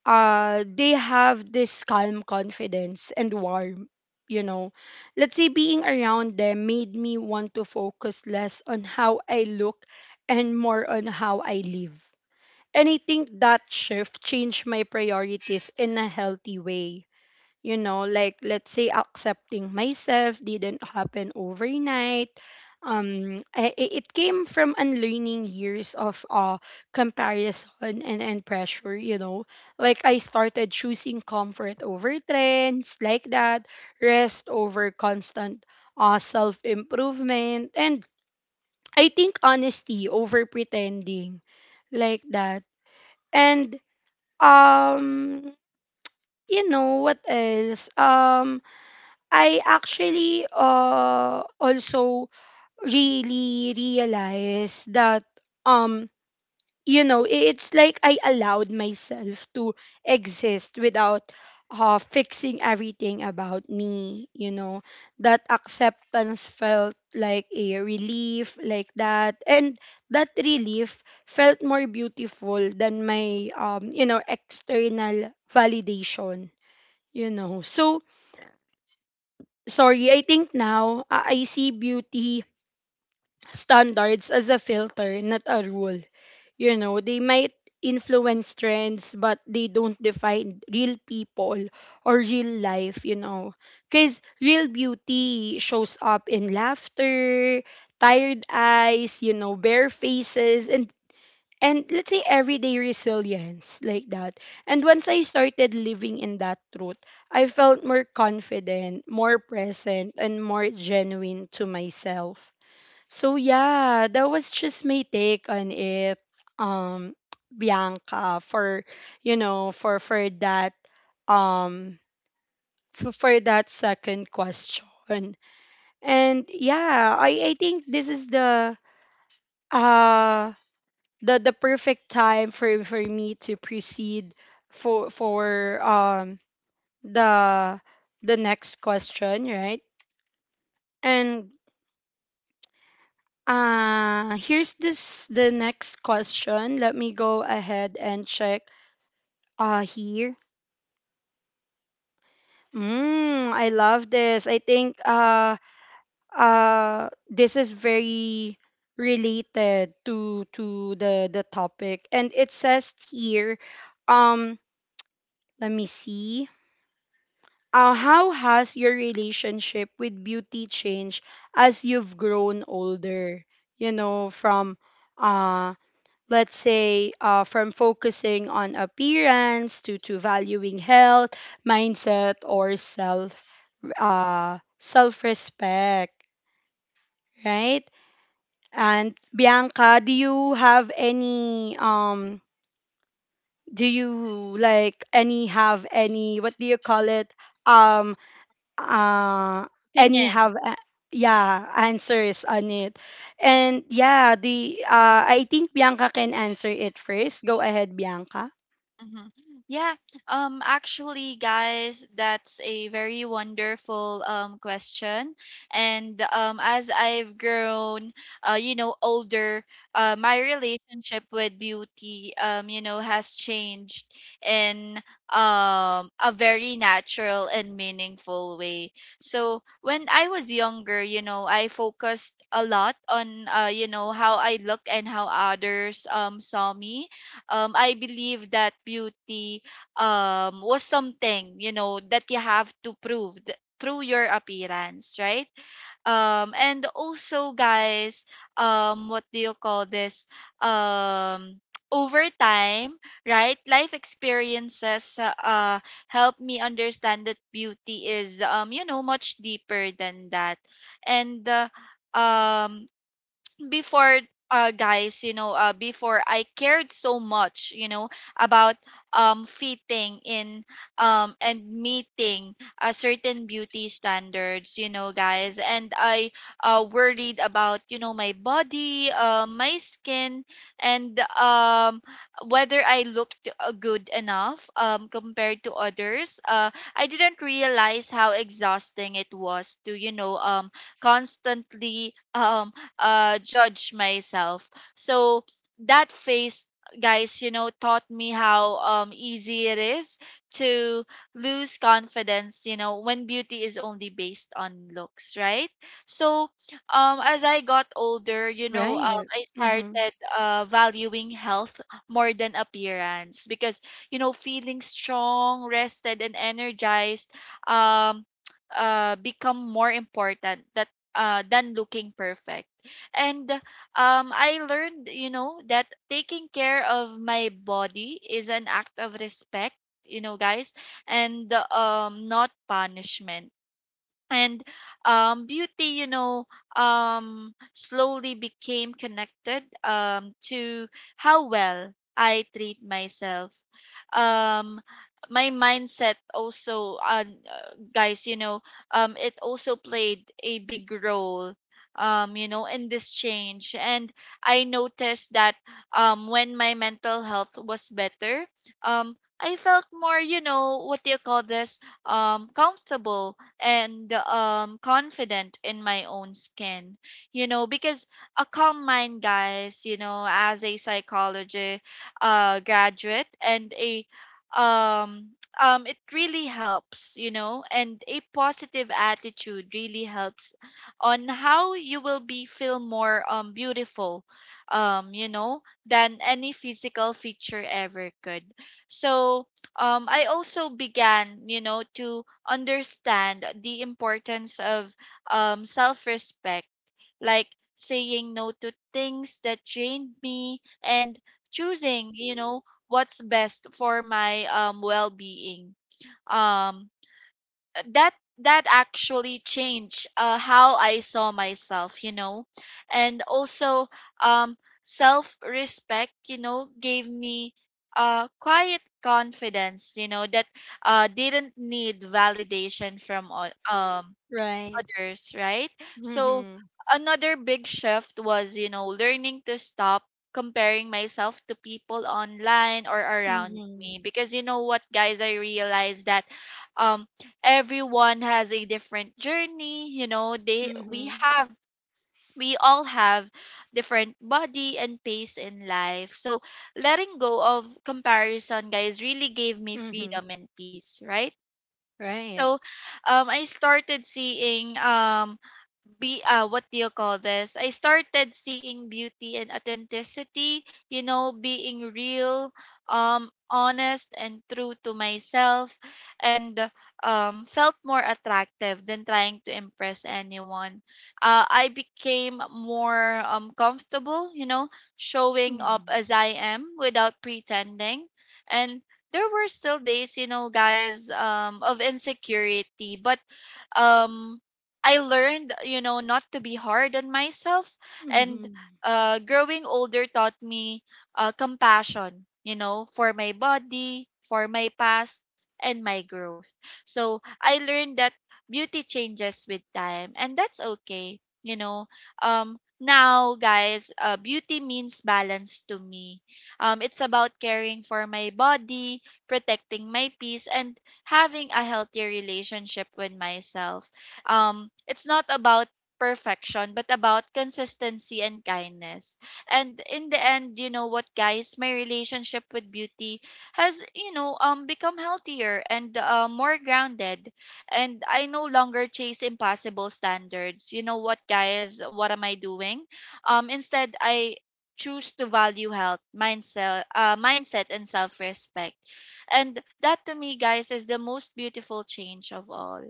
S1: uh they have this calm confidence and warmth, you know. Let's say being around them made me want to focus less on how I look and more on how I live, and I think that shift changed my priorities in a healthy way, you know. Like let's say accepting myself didn't happen overnight. Um i- i- it came from unlearning years of uh comparison and, and pressure, you know. Like I started choosing comfort over trends like that, rest over constant uh, self improvement, and I think honesty over pretending, like that. And um you know what else, um I actually uh also really realized that, um you know, i- it's like I allowed myself to exist without uh, fixing everything about me, you know. That acceptance felt like a relief like that, and that relief felt more beautiful than my um you know external validation, you know. So sorry, I think now uh, I see beauty standards as a filter, not a rule. You know, they might influence trends, but they don't define real people or real life, you know. Because real beauty shows up in laughter, tired eyes, you know, bare faces, and and let's say everyday resilience like that. And once I started living in that truth, I felt more confident, more present, and more genuine to myself. So yeah, that was just my take on it, um, Bianca, for you know, for for that um for, for that second question. And yeah, I, I think this is the uh the the perfect time for for me to proceed for for um the the next question, right? And uh here's this the next question. Let me go ahead and check uh here. Mm, I love this. I think uh uh this is very related to to the the topic, and it says here, um let me see, uh, how has your relationship with beauty changed as you've grown older? You know, from uh, let's say uh, from focusing on appearance to to valuing health, mindset, or self uh, self respect, right? And Bianca, do you have any um? do you like any have any, what do you call it? um? uh any
S2: Opinion.
S1: have a- yeah, answers on it. And yeah, the uh I think Bianca can answer it first. Go ahead, Bianca.
S2: Mhm. Yeah. Um actually, guys, that's a very wonderful um question. And um as I've grown, uh you know, older, uh my relationship with beauty, um you know, has changed in um a very natural and meaningful way. So when I was younger, you know, I focused a lot on uh you know how I looked and how others um saw me. um, I believe that beauty um, was something, you know, that you have to prove th- through your appearance, right? Um, and also, guys, um, what do you call this? Um, over time, right? Life experiences uh, uh, help me understand that beauty is, um, you know, much deeper than that, and. Uh, um before, uh guys, you know, uh before I cared so much, you know, about um fitting in um and meeting a certain beauty standards, you know, guys, and I uh worried about, you know, my body, uh, my skin, and um whether I looked uh, good enough um compared to others. uh I didn't realize how exhausting it was to, you know, um constantly um uh, judge myself. So that phase, guys, you know, taught me how um, easy it is to lose confidence, you know, when beauty is only based on looks, right? So, um, as I got older, you know, um,
S1: Right.
S2: I
S1: Mm-hmm.
S2: started uh, valuing health more than appearance because, you know, feeling strong, rested, and energized um, uh, become more important that, uh, than looking perfect. And, um, I learned, you know, that taking care of my body is an act of respect, you know, guys, and, um, not punishment. And um, beauty, you know, um, slowly became connected, um, to how well I treat myself. um, my mindset also, uh, guys, you know, um, it also played a big role, um, you know, in this change. And I noticed that um, when my mental health was better, um, I felt more, you know, what do you call this, um, comfortable and um confident in my own skin, you know, because a calm mind, guys, you know, as a psychology uh graduate and a um um it really helps, you know, and a positive attitude really helps on how you will be feel more um beautiful, um you know, than any physical feature ever could. So um I also began, you know, to understand the importance of um, self respect, like saying no to things that drained me and choosing, you know, what's best for my, um, well being. Um, that that actually changed, uh, how I saw myself, you know, and also um, self respect, you know, gave me uh, quiet confidence, you know, that uh, didn't need validation from o- um
S1: Right.
S2: others, right? So
S1: Mm-hmm.
S2: another big shift was, you know, learning to stop comparing myself to people online or around
S1: Mm-hmm.
S2: me, because you know what, guys, I realized that um everyone has a different journey, you know, they we
S1: Mm-hmm.
S2: have we all have different body and pace in life. So letting go of comparison, guys, really gave me
S1: Mm-hmm.
S2: freedom and peace, right?
S1: Right.
S2: So um I started seeing um be uh what do you call this, I started seeing beauty and authenticity, you know, being real, um honest and true to myself, and um felt more attractive than trying to impress anyone. uh, I became more um comfortable, you know, showing up as I am without pretending. And there were still days, you know, guys, um of insecurity, but um I learned, you know, not to be hard on myself. And
S1: Mm-hmm.
S2: uh, growing older taught me uh, compassion, you know, for my body, for my past, and my growth. So I learned that beauty changes with time, and that's okay, you know. Um, now, guys, uh, beauty means balance to me. Um, it's about caring for my body, protecting my peace, and having a healthy relationship with myself. um it's not about perfection but about consistency and kindness. And in the end, you know what, guys, my relationship with beauty has, you know, um become healthier and, uh, more grounded, and I no longer chase impossible standards. You know what, guys, what am I doing? um instead, I choose to value health, mindset uh, mindset and self-respect, and that to me, guys, is the most beautiful change of all.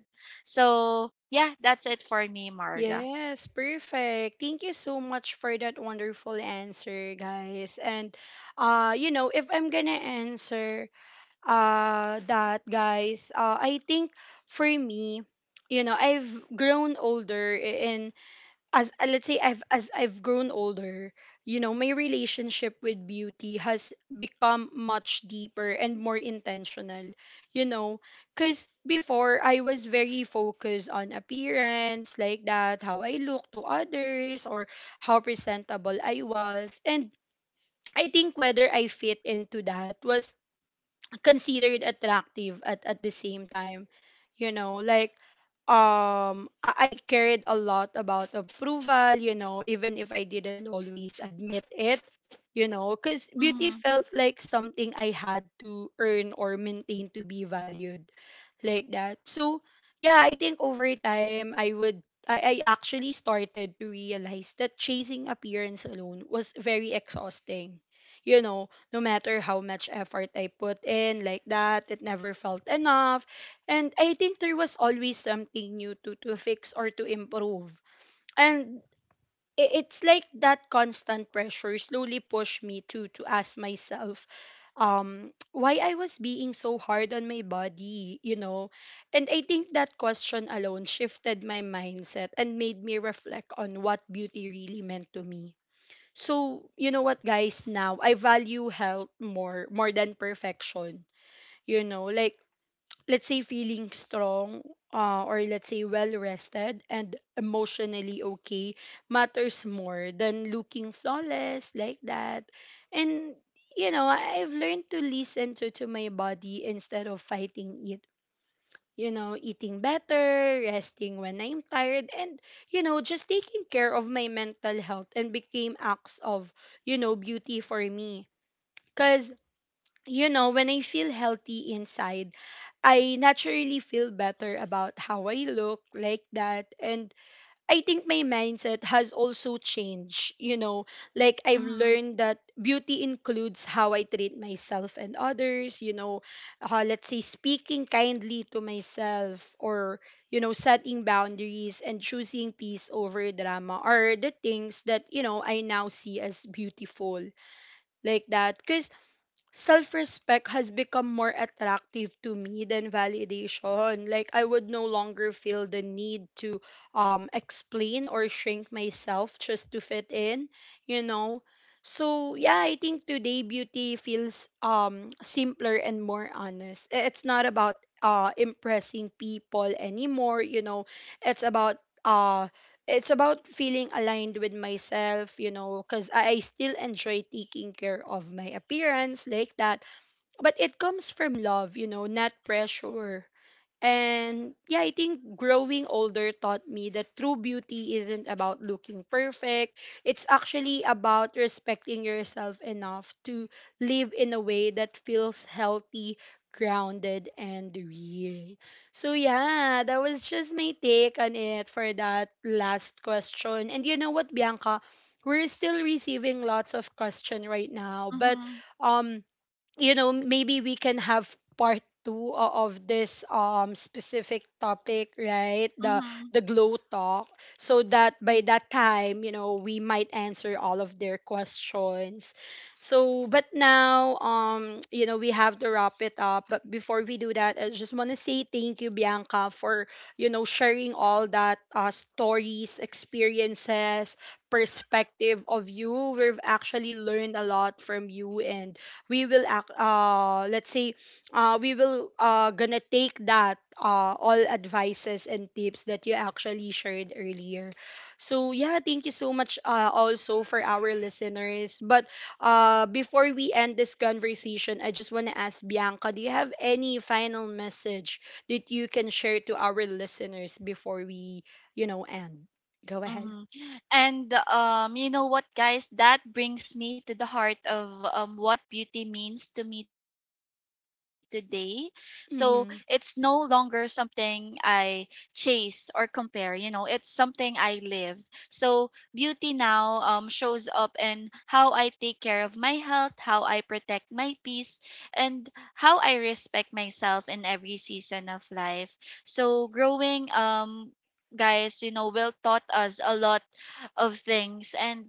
S2: So yeah, that's it for me, Marga.
S1: Yes, perfect, thank you so much for that wonderful answer, guys. And uh you know, if I'm gonna answer uh that, guys, uh I think for me, you know, I've grown older, and as uh, let's say i've as I've grown older, you know, my relationship with beauty has become much deeper and more intentional, you know, because before I was very focused on appearance like that, how I look to others or how presentable I was, and I think whether I fit into that was considered attractive at at the same time, you know. Like um I, I cared a lot about approval, you know, even if I didn't always admit it, you know, because beauty
S2: Mm-hmm,
S1: felt like something I had to earn or maintain to be valued, like that. So, yeah, I think over time I would I, I actually started to realize that chasing appearance alone was very exhausting. You know, no matter how much effort I put in like that, it never felt enough. And I think there was always something new to to fix or to improve. And i- it's like that constant pressure slowly pushed me to to ask myself um why I was being so hard on my body, you know. And I think that question alone shifted my mindset and made me reflect on what beauty really meant to me. So, you know what guys, now I value health more more than perfection. You know, like let's say feeling strong, uh, or let's say well rested and emotionally okay, matters more than looking flawless like that. And you know, I've learned to listen to, to my body instead of fighting it, you know, eating better, resting when I'm tired, and, you know, just taking care of my mental health, and became acts of, you know, beauty for me. Because you know, when I feel healthy inside, I naturally feel better about how I look like that. And I think my mindset has also changed, you know, like I've
S2: mm-hmm,
S1: learned that beauty includes how I treat myself and others, you know, uh, let's say speaking kindly to myself or, you know, setting boundaries and choosing peace over drama are the things that, you know, I now see as beautiful like that. Because self respect has become more attractive to me than validation. Like, I would no longer feel the need to um, explain or shrink myself just to fit in, you know? So, yeah, I think today beauty feels um, simpler and more honest. I- It's not about uh, impressing people anymore, you know? It's about uh, it's about feeling aligned with myself, you know, because I, I still enjoy taking care of my appearance like that. But it comes from love, you know, not pressure. And yeah, I think growing older taught me that true beauty isn't about looking perfect. It's actually about respecting yourself enough to live in a way that feels healthy, grounded, and real. So yeah, that was just my take on it for that last question. And you know what, Bianca? We're still receiving lots of question right now, but
S2: mm-hmm,
S1: um you know, maybe we can have part two o- of this um specific topic, right, the
S2: mm-hmm.
S1: the glow talk, so that by that time, you know, we might answer all of their questions. So but now, um you know, we have to wrap it up, but before we do that, I just want to say thank you, Bianca, for you know, sharing all that uh, stories, experiences, perspective of you. We've actually learned a lot from you, and we will act uh let's say uh we will uh gonna take that, uh all advices and tips that you actually shared earlier. So yeah, thank you so much, uh also for our listeners. But uh before we end this conversation, I just want to ask Bianca, do you have any final message that you can share to our listeners before we, you know, end? Go ahead.
S2: Mhm. And um, you know what, guys? That brings me to the heart of um, what beauty means to me today. So it's no
S1: Mm-hmm.
S2: longer something I chase or compare. You know, it's something I live. So beauty now um, shows up in how I take care of my health, how I protect my peace, and how I respect myself in every season of life. So growing um guys, you know, will taught us a lot of things, and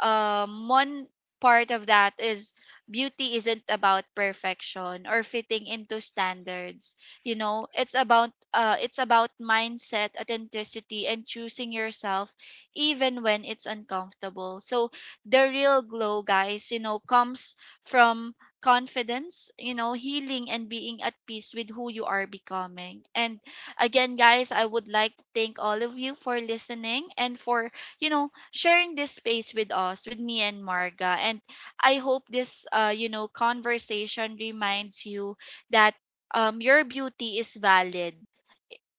S2: um one part of that is beauty isn't about perfection or fitting into standards. You know, it's about, uh it's about mindset, authenticity, and choosing yourself even when it's uncomfortable. So the real glow, guys, you know, comes from confidence, you know, healing, and being at peace with who you are becoming. And again, guys, I would like to thank all of you for listening and for, you know, sharing this space with us, with me and Marga. And I hope this, uh, you know, conversation reminds you that um, your beauty is valid,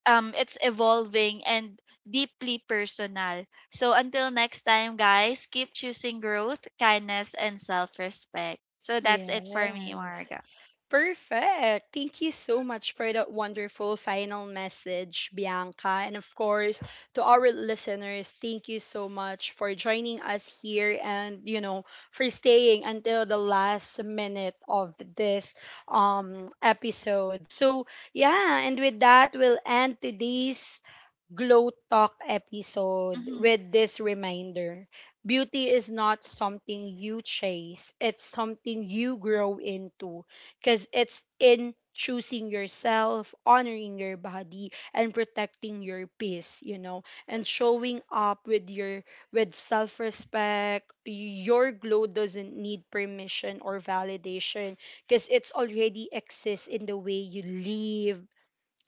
S2: um, it's evolving, and deeply personal. So until next time, guys, keep choosing growth, kindness, and self respect. So that's it for me,
S1: Yes.
S2: Marga.
S1: Perfect, thank you so much for that wonderful final message, Bianca. And of course, to our listeners, thank you so much for joining us here and, you know, for staying until the last minute of this um episode. So, yeah, and with that, we'll end today's glow talk episode with
S2: hmm
S1: this reminder. Beauty is not something you chase, it's something you grow into, because it's in choosing yourself, honoring your body, and protecting your peace, you know, and showing up with your with self-respect. Your glow doesn't need permission or validation, because it's already exists in the way you live,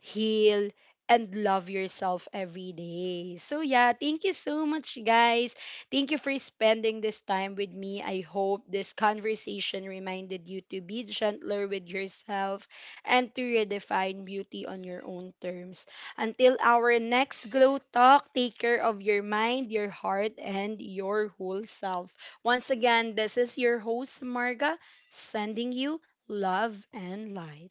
S1: heal, and love yourself every day. So yeah, thank you so much, guys. Thank you for spending this time with me. I hope this conversation reminded you to be gentler with yourself and to redefine beauty on your own terms. Until our next glow talk, take care of your mind, your heart, and your whole self. Once again, this is your host Marga, sending you love and light.